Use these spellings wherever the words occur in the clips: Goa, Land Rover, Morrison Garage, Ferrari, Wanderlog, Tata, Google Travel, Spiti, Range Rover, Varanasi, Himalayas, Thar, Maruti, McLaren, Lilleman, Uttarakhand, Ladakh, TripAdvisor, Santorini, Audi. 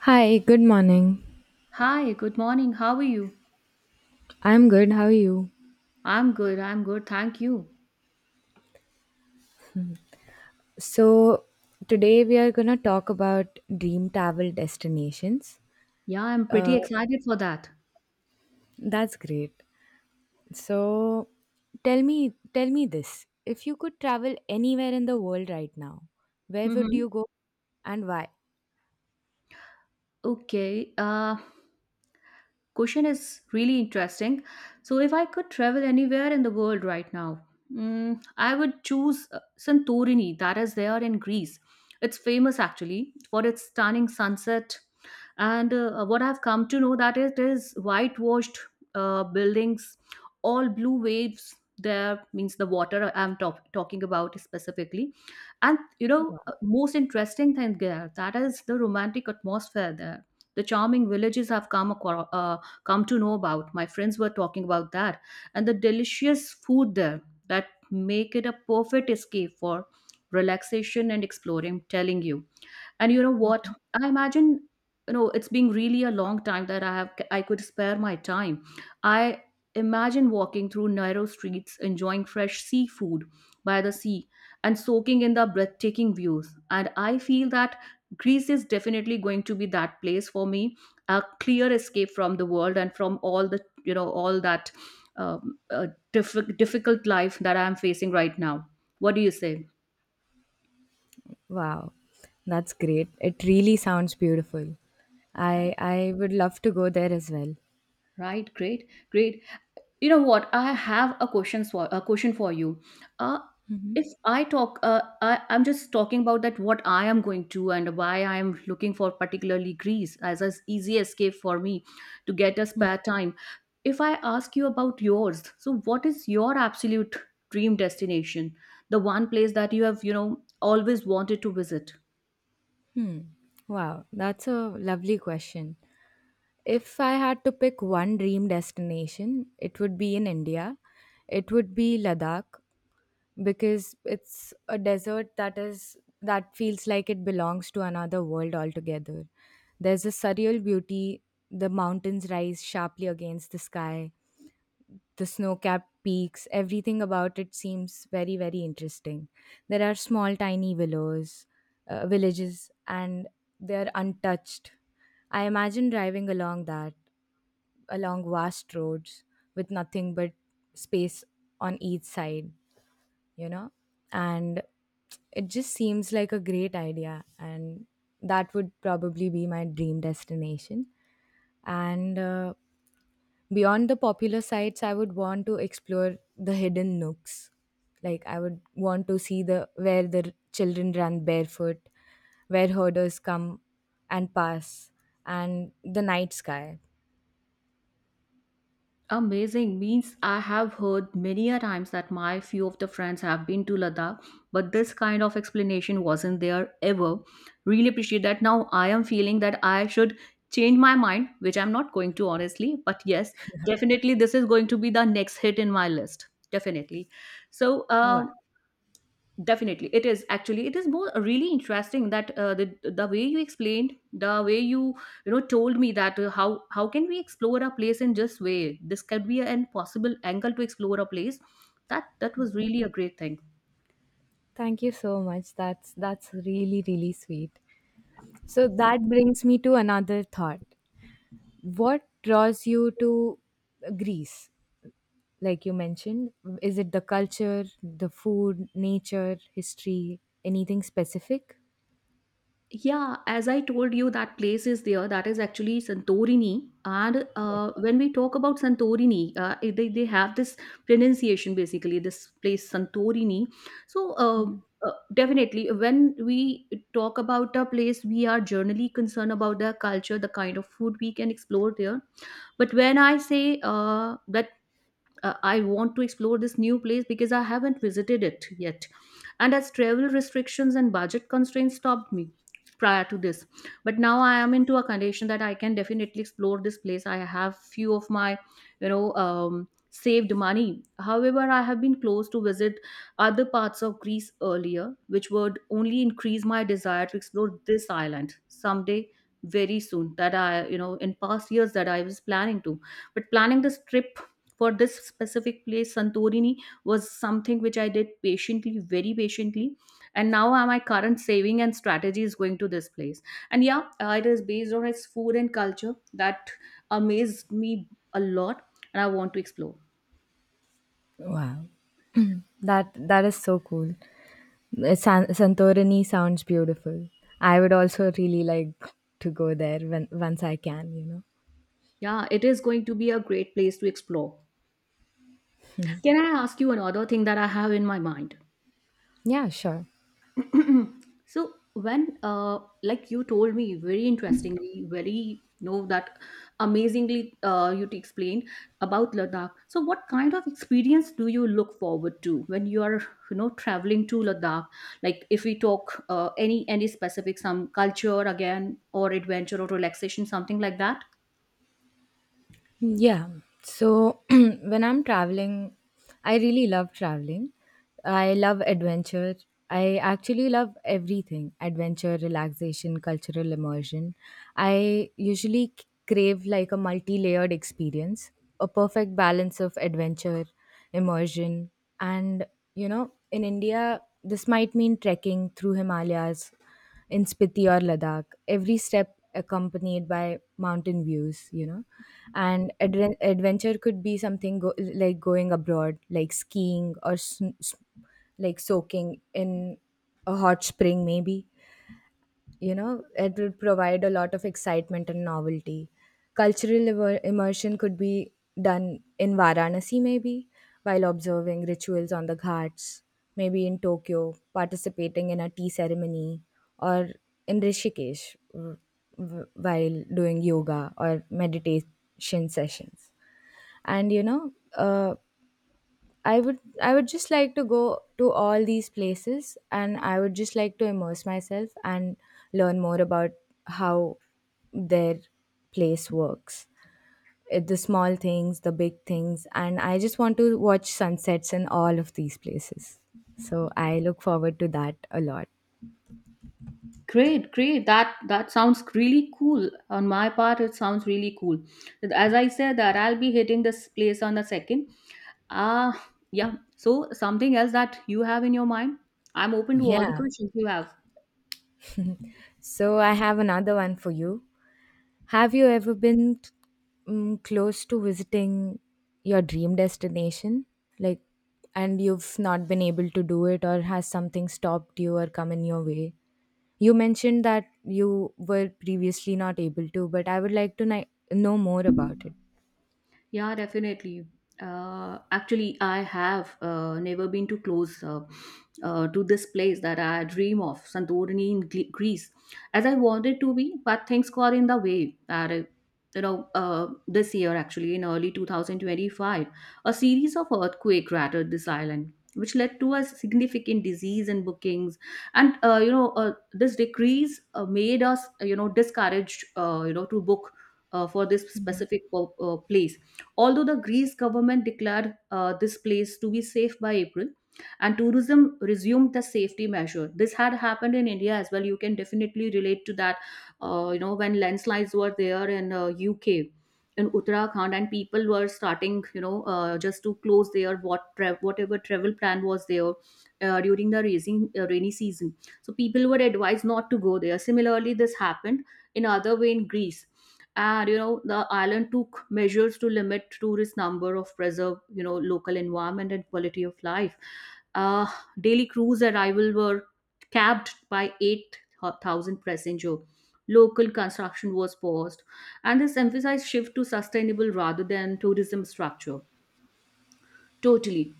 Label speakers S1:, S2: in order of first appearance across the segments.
S1: Hi, good morning.
S2: Hi, good morning. How are you?
S1: I'm good. How are you?
S2: I'm good. Thank you.
S1: So, today we are going to talk about dream travel destinations.
S2: Yeah, I'm pretty
S1: Uh,
S2: excited for that.
S1: that's great. So, tell me this. If you could travel anywhere in the world right now, where would
S2: Mm-hmm.
S1: you go and why?
S2: Okay. Question is really interesting. So, if I could travel anywhere in the world right now, I would choose Santorini, that is there in Greece. It's famous actually for its stunning sunset and what I've come to know that it is whitewashed buildings, all blue waves there, means the water I'm talking about specifically. And most interesting thing there, that is the romantic atmosphere there, the charming villages I've come across, come to know about, my friends were talking about that, and the delicious food there that make it a perfect escape for relaxation and exploring, I'm telling you. And you know what, I imagine, it's been really a long time that I could spare my time. I imagine walking through narrow streets, enjoying fresh seafood by the sea, and soaking in the breathtaking views. And I feel that Greece is definitely going to be that place for me, a clear escape from the world and from all the, all that, um, uh, difficult life that I am facing right now. What do you say?
S1: Wow. That's great. It really sounds beautiful. I would love to go there as well.
S2: Right, great, great. You know what, I have a question for you. uh if I'm just talking about that what I am going to and why I am looking for particularly Greece as an easy escape for me, to get a spare time. If I ask you about yours, so what is your absolute dream destination, the one place that you have, you know, always wanted to visit?
S1: Hmm. Wow, that's a lovely question. If I had to pick one dream destination, it would be in India. It would be Ladakh because it's a desert that feels like it belongs to another world altogether. There's a surreal beauty. The mountains rise sharply against the sky. The snow-capped peaks, everything about it seems very, very interesting. There are small, tiny willows, villages, and they're untouched. I imagine driving along vast roads with nothing but space on each side, you know? And it just seems like a great idea. And that would probably be my dream destination. And beyond the popular sites, I would want to explore the hidden nooks. Like I would want to see the where the children run barefoot, where herders come and pass, and the night sky.
S2: Amazing. Means I have heard many a times that my few of the friends have been to Ladakh, but this kind of explanation wasn't there ever. Really appreciate that. Now I am feeling that I should change my mind, which I'm not going to honestly, but yes, definitely this is going to be the next hit in my list. Definitely. So,
S1: Wow.
S2: um Definitely it is, actually it is more really interesting that the way you explained, the way you, you know, told me that how can we explore a place. In just way, this could be an possible angle to explore a place. That was really a great thing.
S1: Thank you so much. That's really really sweet. So that brings me to another thought. What draws you to Greece? Like you mentioned, is it the culture, the food, nature, history, anything specific?
S2: Yeah, as I told you, that place is there, that is actually Santorini. And
S1: Yeah.
S2: when we talk about Santorini, they have this pronunciation basically, this place Santorini. So, definitely, when we talk about a place, we are generally concerned about their culture, the kind of food we can explore there. But when I say that I want to explore this new place because I haven't visited it yet. And as travel restrictions and budget constraints stopped me prior to this, but now I am into a condition that I can definitely explore this place. I have few of my, saved money. However, I have been close to visit other parts of Greece earlier, which would only increase my desire to explore this island someday very soon. That, I you know, in past years, that I was planning to, but planning this trip for this specific place Santorini was something which I did patiently, very patiently. And now my current saving and strategy is going to this place. And yeah, it is based on its food and culture that amazed me a lot, and I want to explore.
S1: Wow. That is so cool. Santorini sounds beautiful. I would also really like to go there when once I can.
S2: Yeah, it is going to be a great place to explore. Can I ask you another thing that I have in my mind?
S1: Yeah, sure.
S2: So when like you told me very interestingly, very, you know, that amazingly, you explained about Ladakh, so what kind of experience do you look forward to when you are, you know, traveling to Ladakh? Like, if we talk any specific, some culture again or adventure or relaxation, something like that?
S1: Yeah. So when I'm traveling, I really love traveling. I love adventure. I actually love everything adventure, relaxation, cultural immersion. I usually crave like a multi layered experience, a perfect balance of adventure, immersion. And, in India, this might mean trekking through Himalayas in Spiti or Ladakh, every step accompanied by mountain views. And adventure could be something like going abroad, like skiing or like soaking in a hot spring, maybe. It would provide a lot of excitement and novelty. Cultural immersion could be done in Varanasi, maybe while observing rituals on the ghats, maybe in Tokyo participating in a tea ceremony, or in Rishikesh while doing yoga or meditation sessions. And I would just like to go to all these places, and I would just like to immerse myself and learn more about how their place works. The small things, the big things, and I just want to watch sunsets in all of these places. So I look forward to that a lot.
S2: Great, great. That sounds really cool. On my part, it sounds really cool. As I said, that I'll be hitting this place on the second. Ah, yeah. So, something else that you have in your mind? I'm open to all the
S1: Yeah.
S2: questions you have.
S1: So I have another one for you. Have you ever been close to visiting your dream destination? Like, and you've not been able to do it, or has something stopped you or come in your way? You mentioned that you were previously not able to, but I would like to know more about it.
S2: Yeah, definitely. Actually, I have never been too close to this place that I dream of, Santorini in Greece, as I wanted to be, but things got in the way. That you know, this year actually, in early 2025, a series of earthquake rattled this island, which led to a significant disease in bookings. And you know, this decrease made us, you know, discouraged, you know, to book for this specific place. Although the Greece government declared this place to be safe by April, and tourism resumed the safety measure. This had happened in India as well. You can definitely relate to that. You know, when landslides were there in UK, in Uttarakhand, and people were starting, you know, just to close their what whatever travel plan was there during the raising, rainy season. So people were advised not to go there. Similarly, this happened in other way in Greece. And you know, the island took measures to limit tourist number of preserve, you know, local environment and quality of life. uh, Daily cruise arrival were capped by 8,000 passenger. Local construction was paused, and this emphasized shift to sustainable rather than tourism structure. Totally.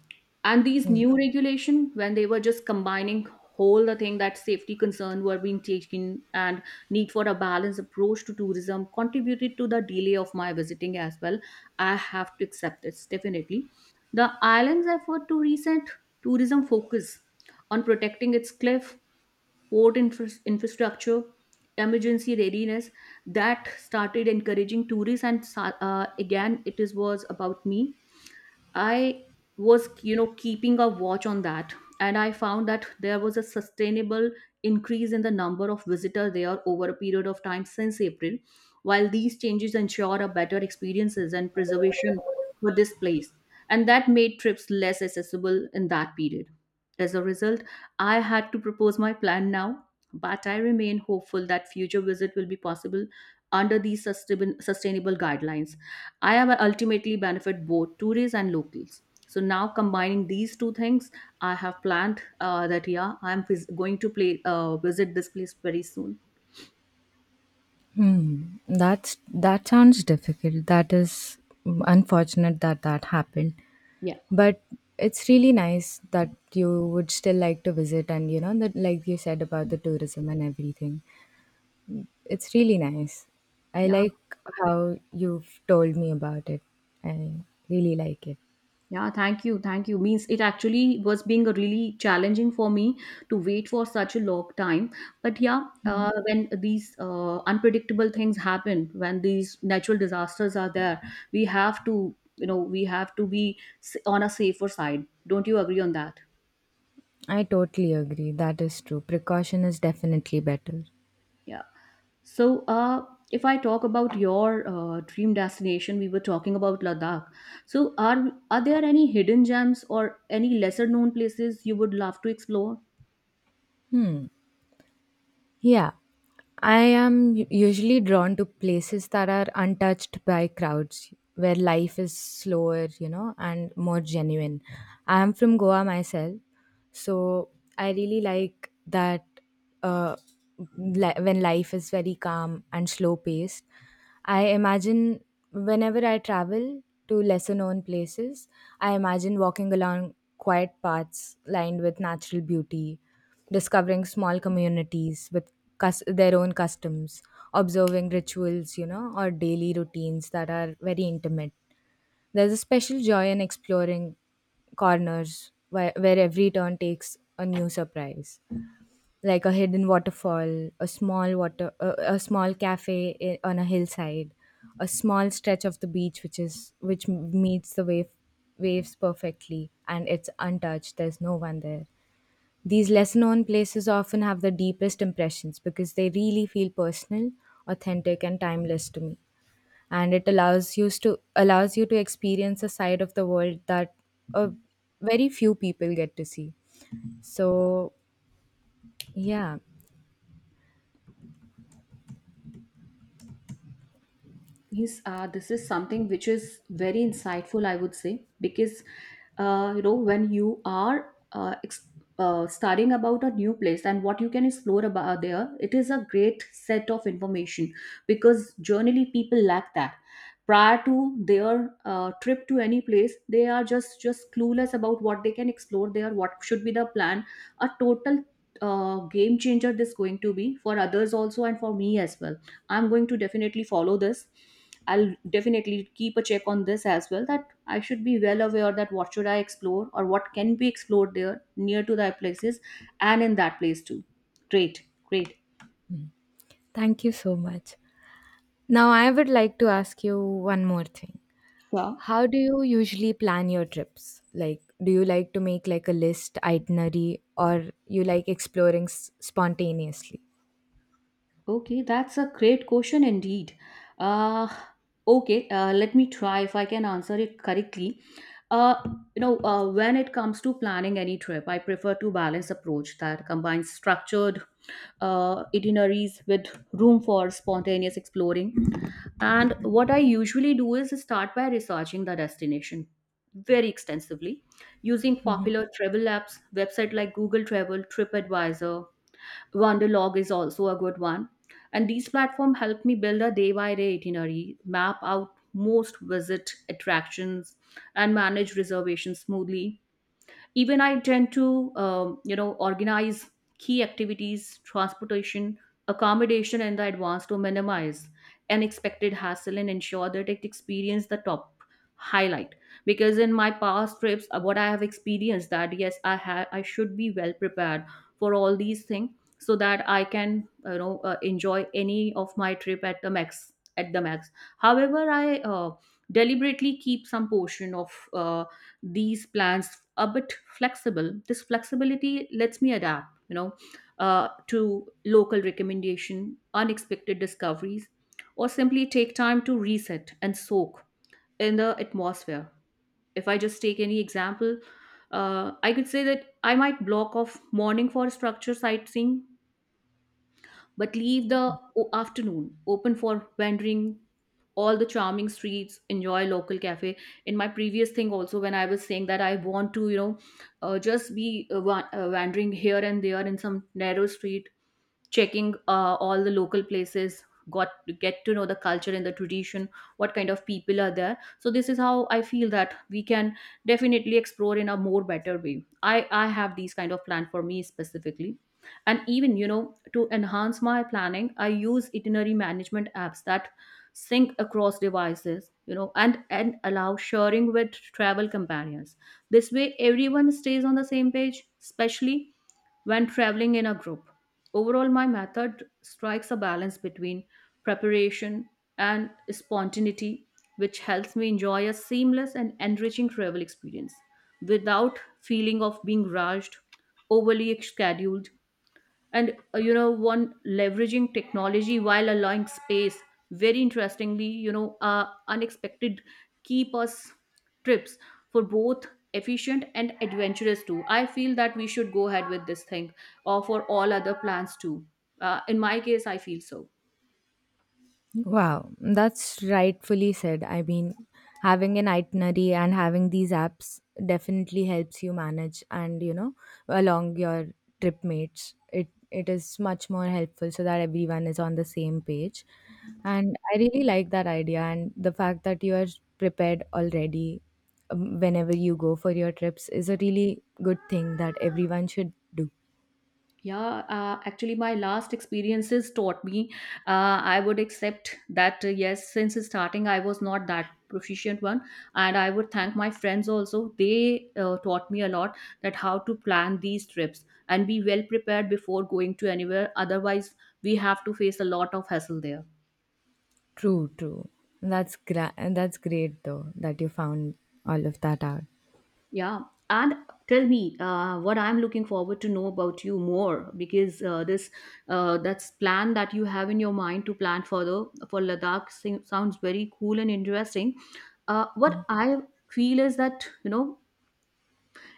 S2: And these new regulation, when they were just combining whole the thing, that safety concern were being taken and need for a balanced approach to tourism contributed to the delay of my visiting as well. I have to accept this definitely. The island's effort to reset tourism focus on protecting its cliff, port infrastructure, emergency readiness, that started encouraging tourists and again, it is was about me. I was, you know, keeping a watch on that, and I found that there was a sustainable increase in the number of visitors there over a period of time since April. While these changes ensure a better experiences and preservation for this place, and that made trips less accessible in that period. As a result, I had to propose my plan now, but I remain hopeful that future visit will be possible under these sustainable guidelines. I have ultimately benefit both tourists and locals. So now, combining these two things, I have planned that yeah, I'm vis- going to play visit this place very soon.
S1: Hmm, that sounds difficult. That is unfortunate that that happened.
S2: Yeah.
S1: But it's really nice that you would still like to visit, and you know that like you said about the tourism and everything. It's really nice. I
S2: Yeah,
S1: like how you've told me about it. I really like it.
S2: yeah, thank you, thank you. Means it actually was being a really challenging for me to wait for such a long time. But yeah, when these unpredictable things happen, when these natural disasters are there, we have to, you know, we have to be on a safer side. Don't you agree on that?
S1: I totally agree. That is true. Precaution is definitely better.
S2: Yeah. So, if I talk about your dream destination, we were talking about Ladakh. So, are there any hidden gems or any lesser known places you would love to explore?
S1: Hmm. Yeah, I am usually drawn to places that are untouched by crowds, where life is slower, and more genuine. I am from Goa myself, so I really like uh, when life is very calm and slow paced. I imagine whenever I travel to lesser known places, I imagine walking along quiet paths lined with natural beauty, discovering small communities with their own customs, observing rituals, or daily routines that are very intimate. There's a special joy in exploring corners where every turn takes a new surprise, like a hidden waterfall, a small cafe on a hillside, a small stretch of the beach which meets the waves perfectly and it's untouched. There's no one there. These lesser known places often have the deepest impressions because they really feel personal, authentic, and timeless to me. And it allows you to experience a side of the world that a very few people get to see. So yeah,
S2: Yes, this is something which is very insightful, I would say, because you know, when you are studying about a new place and what you can explore about there, it is a great set of information, because generally people lack that. Prior to their trip to any place, they are just clueless about what they can explore there, what should be the plan. A total game changer this going to be for others also and for me as well. I'm going to definitely follow this. I'll definitely keep a check on this as well, that I should be well aware that what should I explore or what can be explored there near to that places, and in that place too. Great, great.
S1: thank you so much. Now I would like to ask you one more thing.
S2: Sure.
S1: How do you usually plan your trips? Like, do you like to make like a list itinerary, or you like exploring spontaneously?
S2: Okay, that's a great question indeed. Uh, okay, let me try if I can answer it correctly. Uh, you know, when it comes to planning any trip, I prefer to balance approach that combines structured itineraries with room for spontaneous exploring. And what I usually do is start by researching the destination very extensively using
S1: Mhm.
S2: popular travel apps, website like Google Travel, TripAdvisor, Wanderlog is also a good one. And these platforms help me build a day by day itinerary, map out most visit attractions, and manage reservations smoothly. Even I tend to, organize key activities, transportation, accommodation, and the advance to minimize unexpected hassle and ensure that it experience the top highlight. Because in my past trips, what I have experienced that yes, I should be well prepared for all these things so that I can enjoy any of my trip at the max at the max. However, I deliberately keep some portion of uh, these plans a bit flexible. This flexibility lets me adapt, to local recommendation, unexpected discoveries, or simply take time to reset and soak in the atmosphere. If I just take any example, I could say that I might block off morning for structure sightseeing, but leave the afternoon open for wandering all the charming streets, enjoy local cafe. In my previous thing also, when I was saying that I want to, just be wandering here and there in some narrow street, checking all the local places, got get to know the culture and the tradition. What kind of people are there. So this is how I feel that we can definitely explore in a more better way. I have these kind of plan for me specifically. And even, to enhance my planning, I use itinerary management apps that sync across devices, and allow sharing with travel companions. This way everyone stays on the same page, especially when traveling in a group. Overall, my method strikes a balance between preparation and spontaneity, which helps me enjoy a seamless and enriching travel experience without feeling of being rushed, overly scheduled, and one leveraging technology while allowing space very interestingly, unexpected, keep us trips for both efficient and adventurous too. I feel that we should go ahead with this thing, or for all other plans too. In my case, I feel so.
S1: Wow, that's rightfully said. I mean, having an itinerary and having these apps definitely helps you manage, and along your trip mates. It is much more helpful so that everyone is on the same page. And I really like that idea, and the fact that you are prepared already, whenever you go for your trips, is a really good thing that everyone should do.
S2: Yeah, actually, my last experiences taught me. I would accept that, yes, since starting, I was not that proficient one. And I would thank my friends also. They taught me a lot that how to plan these trips and be well prepared before going to anywhere. Otherwise, we have to face a lot of hassle there.
S1: True, true. That's great though that you found all of that out.
S2: Yeah, and tell me, what I'm looking forward to know about you more, because this that's plan that you have in your mind to plan further for Ladakh sounds very cool and interesting. What I feel is that, you know,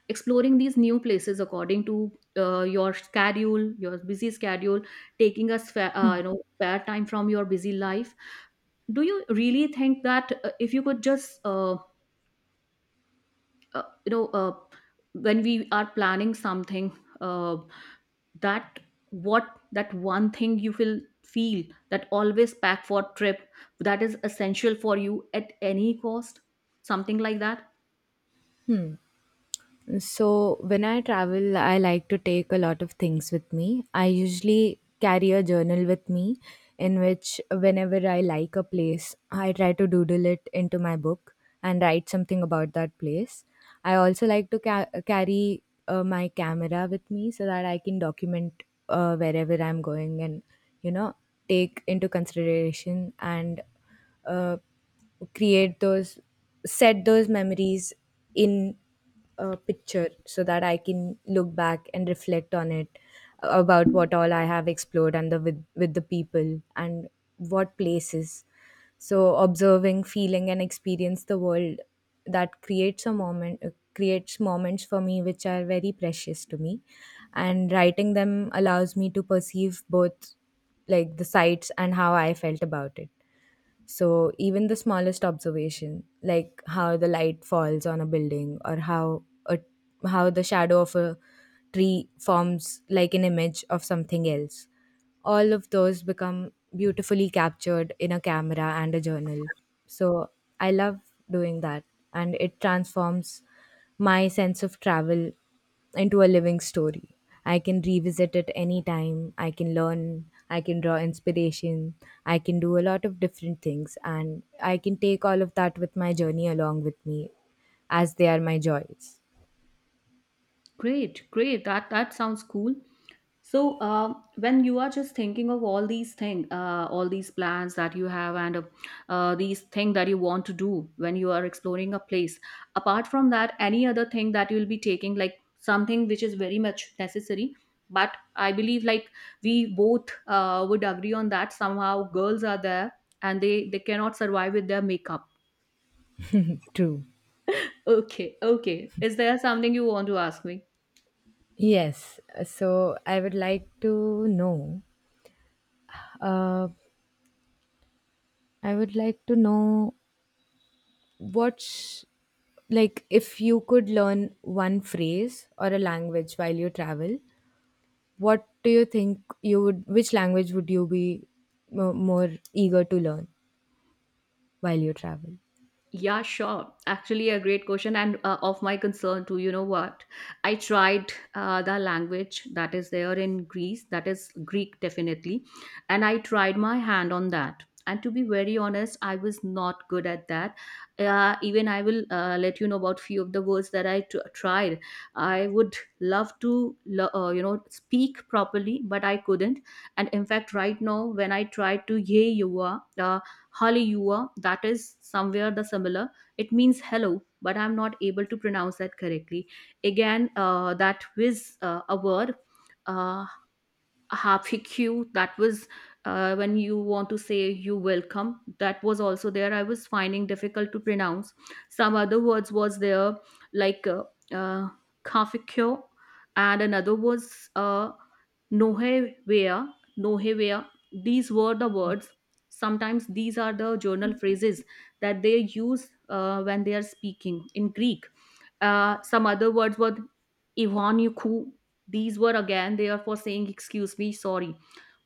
S2: exploring these new places according to your schedule, your busy schedule, taking a spare time from your busy life. Do you really think that, if you could just uh, you know uh, when we are planning something, uh, that what that one thing you will feel that always pack for trip that is essential for you at any cost, something like that?
S1: So, when I travel, I like to take a lot of things with me. I usually carry a journal with me, in which, whenever I like a place, I try to doodle it into my book and write something about that place. I also like to carry my camera with me so that I can document wherever I'm going, and, you know, take into consideration, and uh, create those, set those memories in picture so that I can look back and reflect on it about what all I have explored, and with the people, and what places. So observing, feeling, and experience the world that creates moments for me, which are very precious to me, and writing them allows me to perceive both like the sights and how I felt about it. So even the smallest observation, like how the light falls on a building, or how the shadow of a tree forms like an image of something else, all of those become beautifully captured in a camera and a journal. So I love doing that, and it transforms my sense of travel into a living story. I can revisit it anytime. I can learn. I can draw inspiration. I can do a lot of different things. And I can take all of that with my journey along with me, as they are my joys.
S2: Great, great, that sounds cool. So, when you are just thinking of all these things, all these plans that you have, and these things that you want to do when you are exploring a place, apart from that, any other thing that you will be taking, like something which is very much necessary. But I believe, like we both would agree on that. Somehow, girls are there, and they cannot survive with their makeup.
S1: True.
S2: Okay, okay. Is there something you want to ask me?
S1: Yes. So I would like to know. Uh, I would like to know what's like if you could learn one phrase or a language while you travel, what do you think you would which language would you be more eager to learn while you travel.
S2: Yeah, sure. Actually, a great question and of my concern too. You know what? I tried the language that is there in Greece, that is Greek definitely, and I tried my hand on that. And to be very honest, I was not good at that. Even I will let you know about few of the words that I tried. I would love to, speak properly, but I couldn't. And in fact, right now, when I try to, yeah, you are. Hallelujah, that is somewhere the similar. It means hello, but I'm not able to pronounce that correctly. Again, that whiz a word. Uh, Hq, that was when you want to say you welcome, that was also there. I was finding difficult to pronounce. Some other words was there, like uh, kafkyo, and another was nohevea, nohevea. These were the words, sometimes these are the journal phrases that they use when they are speaking in Greek. Some other words were Ivan, these were again there for saying, excuse me, sorry.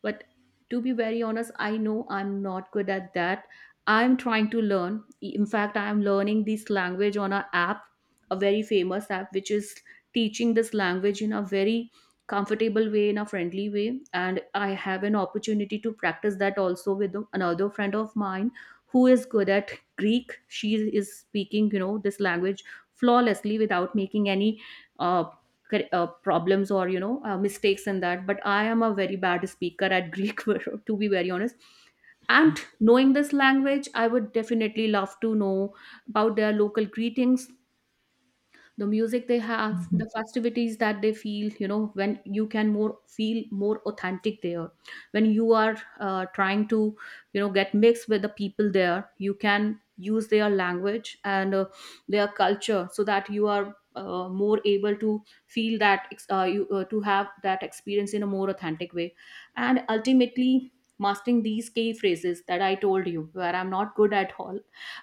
S2: But to be very honest, I know I'm not good at that. I'm trying to learn. In fact, I am learning this language on an app, a very famous app, which is teaching this language in a very comfortable way, in a friendly way. And I have an opportunity to practice that also with another friend of mine who is good at Greek. She is speaking, you know, this language flawlessly without making any uh, problems or mistakes in that. But I am a very bad speaker at Greek to be very honest. And knowing this language, I would definitely love to know about their local greetings, the music they have, the festivities that they feel, you know, when you can more feel more authentic there when you are trying to, you know, get mixed with the people there. You can use their language and their culture, so that you are more able to feel that ex- you to have that experience in a more authentic way. And ultimately, mastering these key phrases that I told you where I'm not good at all,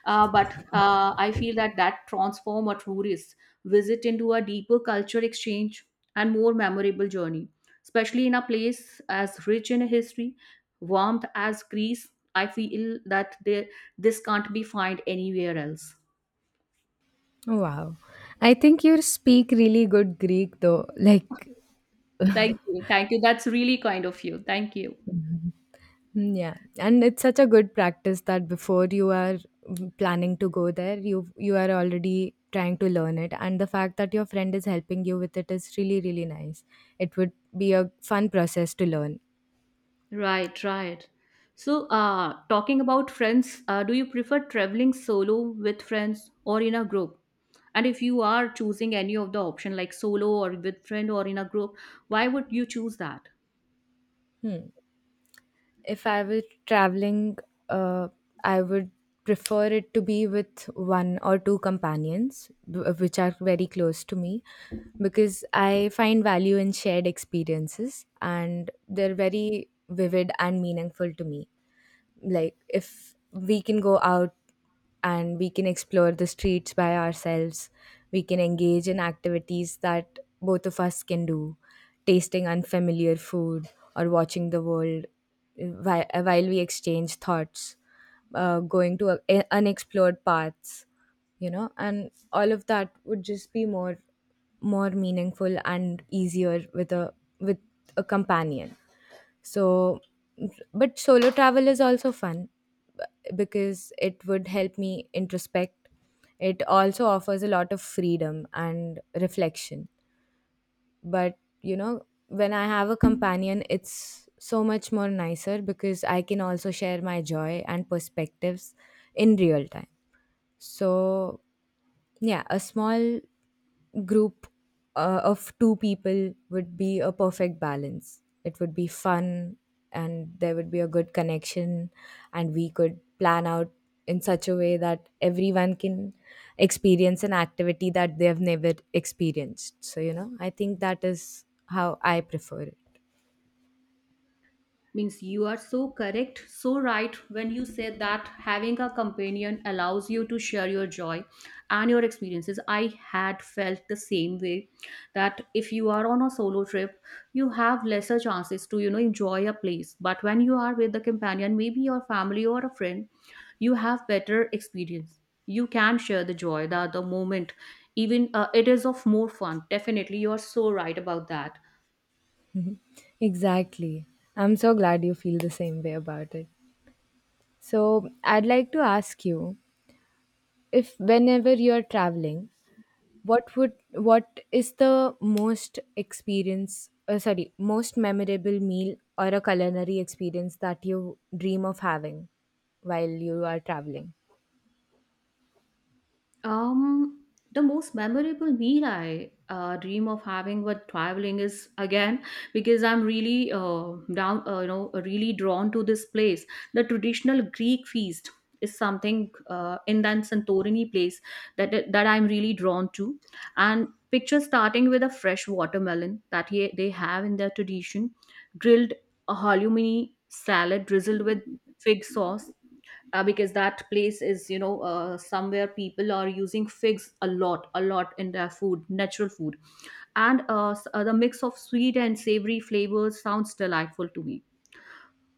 S2: but I feel that that transform a tourist visit into a deeper culture exchange and more memorable journey. Especially in a place as rich in history, warmth as Greece, I feel that there, this can't be found anywhere else.
S1: Wow, I think you speak really good Greek, though, like.
S2: Thank you. Thank you. That's really kind of you. Thank you.
S1: Yeah, and it's such a good practice that before you are planning to go there, you are already trying to learn it, and the fact that your friend is helping you with it is really really nice. It would be a fun process to learn.
S2: Right, right. So, talking about friends, do you prefer traveling solo, with friends, or in a group? And if you are choosing any of the option like solo or with friend or in a group, why would you choose that?
S1: Hmm. If I were traveling, uh, I would prefer it to be with one or two companions, which are very close to me, because I find value in shared experiences and they're very vivid and meaningful to me, like if we can go out and we can explore the streets by ourselves, we can engage in activities that both of us can do, tasting unfamiliar food, or watching the world while we exchange thoughts, going to unexplored paths, and all of that would just be more meaningful and easier with a companion. So, but solo travel is also fun, because it would help me introspect. It also offers a lot of freedom and reflection. But, when I have a companion, it's so much more nicer because I can also share my joy and perspectives in real time. So, yeah, a small group of two people would be a perfect balance. It would be fun, and there would be a good connection, and we could plan out in such a way that everyone can experience an activity that they have never experienced. So, I think that is how I prefer it.
S2: Means you are so correct, so right when you said that having a companion allows you to share your joy and your experiences. I had felt the same way that if you are on a solo trip, you have lesser chances to, you know, enjoy a place. But when you are with a companion, maybe your family or a friend, you have better experience. You can share the joy, the moment, even it is of more fun. Definitely you are so right about that.
S1: Exactly. I'm so glad you feel the same way about it. So, I'd like to ask you, if whenever you're traveling, what is the most experience sorry most memorable meal or a culinary experience that you dream of having while you are traveling.
S2: Um, the most memorable meal I dream of having while traveling is again because I'm really really drawn to this place. The traditional Greek feast is something in that Santorini place that I'm really drawn to, and picture starting with a fresh watermelon that they have in their tradition, grilled halloumi salad drizzled with fig sauce, because that place is, you know, somewhere people are using figs a lot, a lot in their food, natural food. And the mix of sweet and savory flavors sounds delightful to me.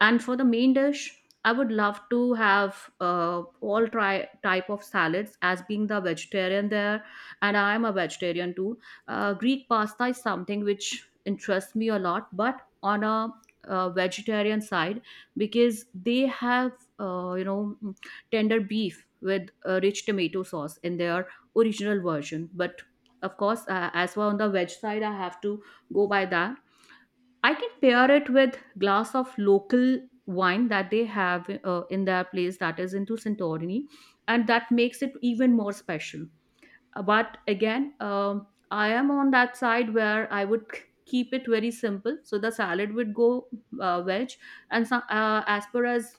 S2: And for the main dish, I would love to have, uh, all try type of salads, as being the vegetarian there, and I am a vegetarian too. Greek pasta is something which interests me a lot, but on a vegetarian side, because they have uh, you know mm, tender beef with rich tomato sauce in their original version. But of course, as well on the veg side, I have to go by that. I can pair it with glass of local wine that they have in their place, that is into Santorini, and that makes it even more special. But again, I am on that side where I would keep it very simple. So the salad would go, veg. And so, as far as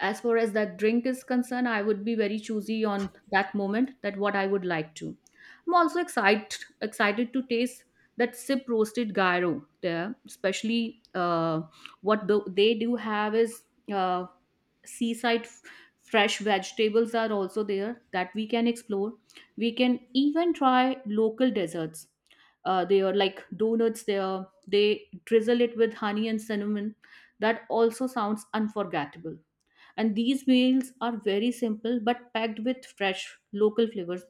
S2: as far as that drink is concerned, I would be very choosy on that moment that what I would like to. I'm also excited to taste that sip roasted gyro there, especially what they do have is uh, seaside fresh vegetables are also there that we can explore. We can even try local desserts, they are like donuts there, they drizzle it with honey and cinnamon. That also sounds unforgettable. And these meals are very simple but packed with fresh local flavors.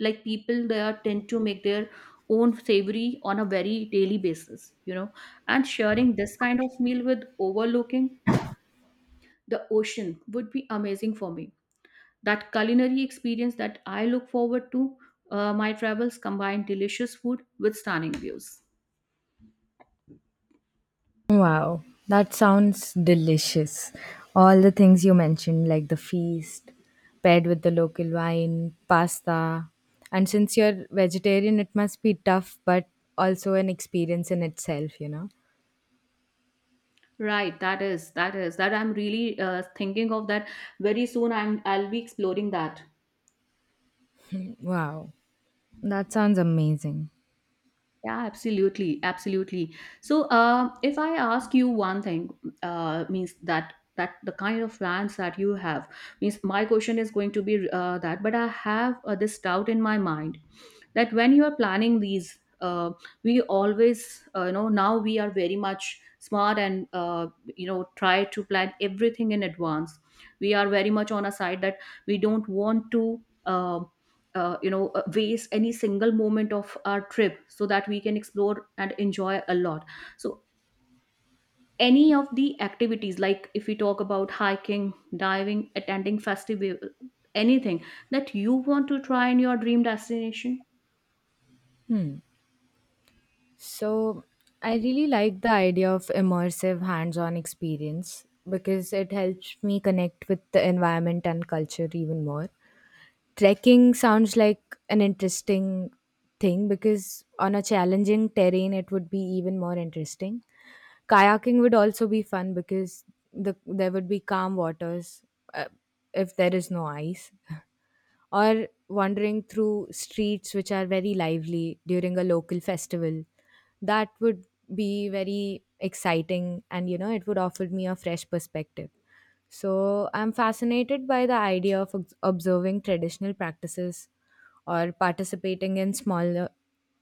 S2: Like people there tend to make their own savory on a very daily basis, you know. And sharing this kind of meal with overlooking the ocean would be amazing for me. That culinary experience that I look forward to, my travels combine delicious food with stunning views.
S1: Wow, that sounds delicious. All the things you mentioned, like the feast paired with the local wine, pasta. And since you're vegetarian, it must be tough, but also an experience in itself, you know.
S2: Right, that I'm really thinking of that very soon. I'll be exploring that.
S1: Wow, that sounds amazing.
S2: Yeah, absolutely, absolutely. So, if I ask you one thing, means that the kind of plans that you have, means my question is going to be, that, but I have this doubt in my mind that when you are planning these, we always, you know, now we are very much smart and try to plan everything in advance. We are very much on a side that we don't want to uh, waste any single moment of our trip, so that we can explore and enjoy a lot. So, any of the activities like if we talk about hiking, diving, attending festival, anything that you want to try in your dream destination?
S1: So, I really like the idea of immersive hands on experience because it helps me connect with the environment and culture even more. Trekking sounds like an interesting thing because on a challenging terrain, it would be even more interesting. Kayaking would also be fun because there would be calm waters, uh, if there is no ice, or wandering through streets which are very lively during a local festival. That would be very exciting, and it would offer me a fresh perspective. So I'm fascinated by the idea of observing traditional practices, or participating in smaller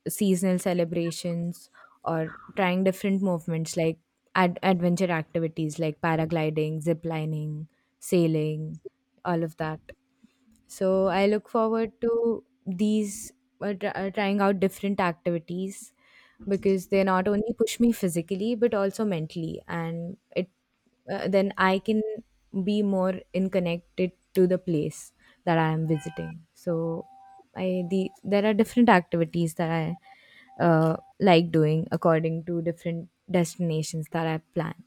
S1: seasonal celebrations, or trying different movements like adventure activities like paragliding, zip lining, sailing, all of that. So I look forward to these trying out different activities because they not only push me physically but also mentally, and it then I can be more in connected to the place that I am visiting. So I the there are different activities that I like doing according to different destinations that I plan.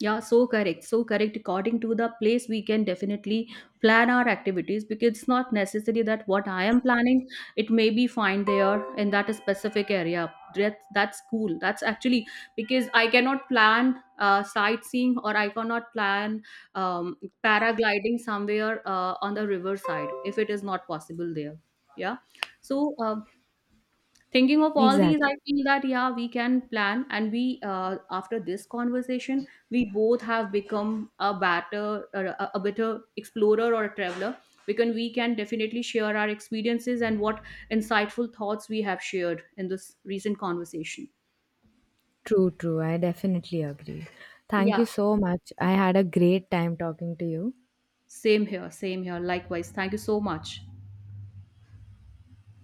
S2: Yeah, so correct. So correct. According to the place, we can definitely plan our activities, because it's not necessary that what I am planning, it may be fine there in that specific area. That, that's cool. That's actually because I cannot plan sightseeing, or I cannot plan um, paragliding somewhere on the riverside if it is not possible there. Yeah. So, thinking of all these,
S1: Exactly.
S2: I feel that yeah, we can plan, and we, after this conversation, we both have become a better, a better explorer or a traveler, because we can definitely share our experiences and what insightful thoughts we have shared in this recent conversation.
S1: True, true. I definitely agree. Thank you
S2: Yeah,
S1: so much. I had a great time talking to you.
S2: same here, same here. Likewise, thank you so much.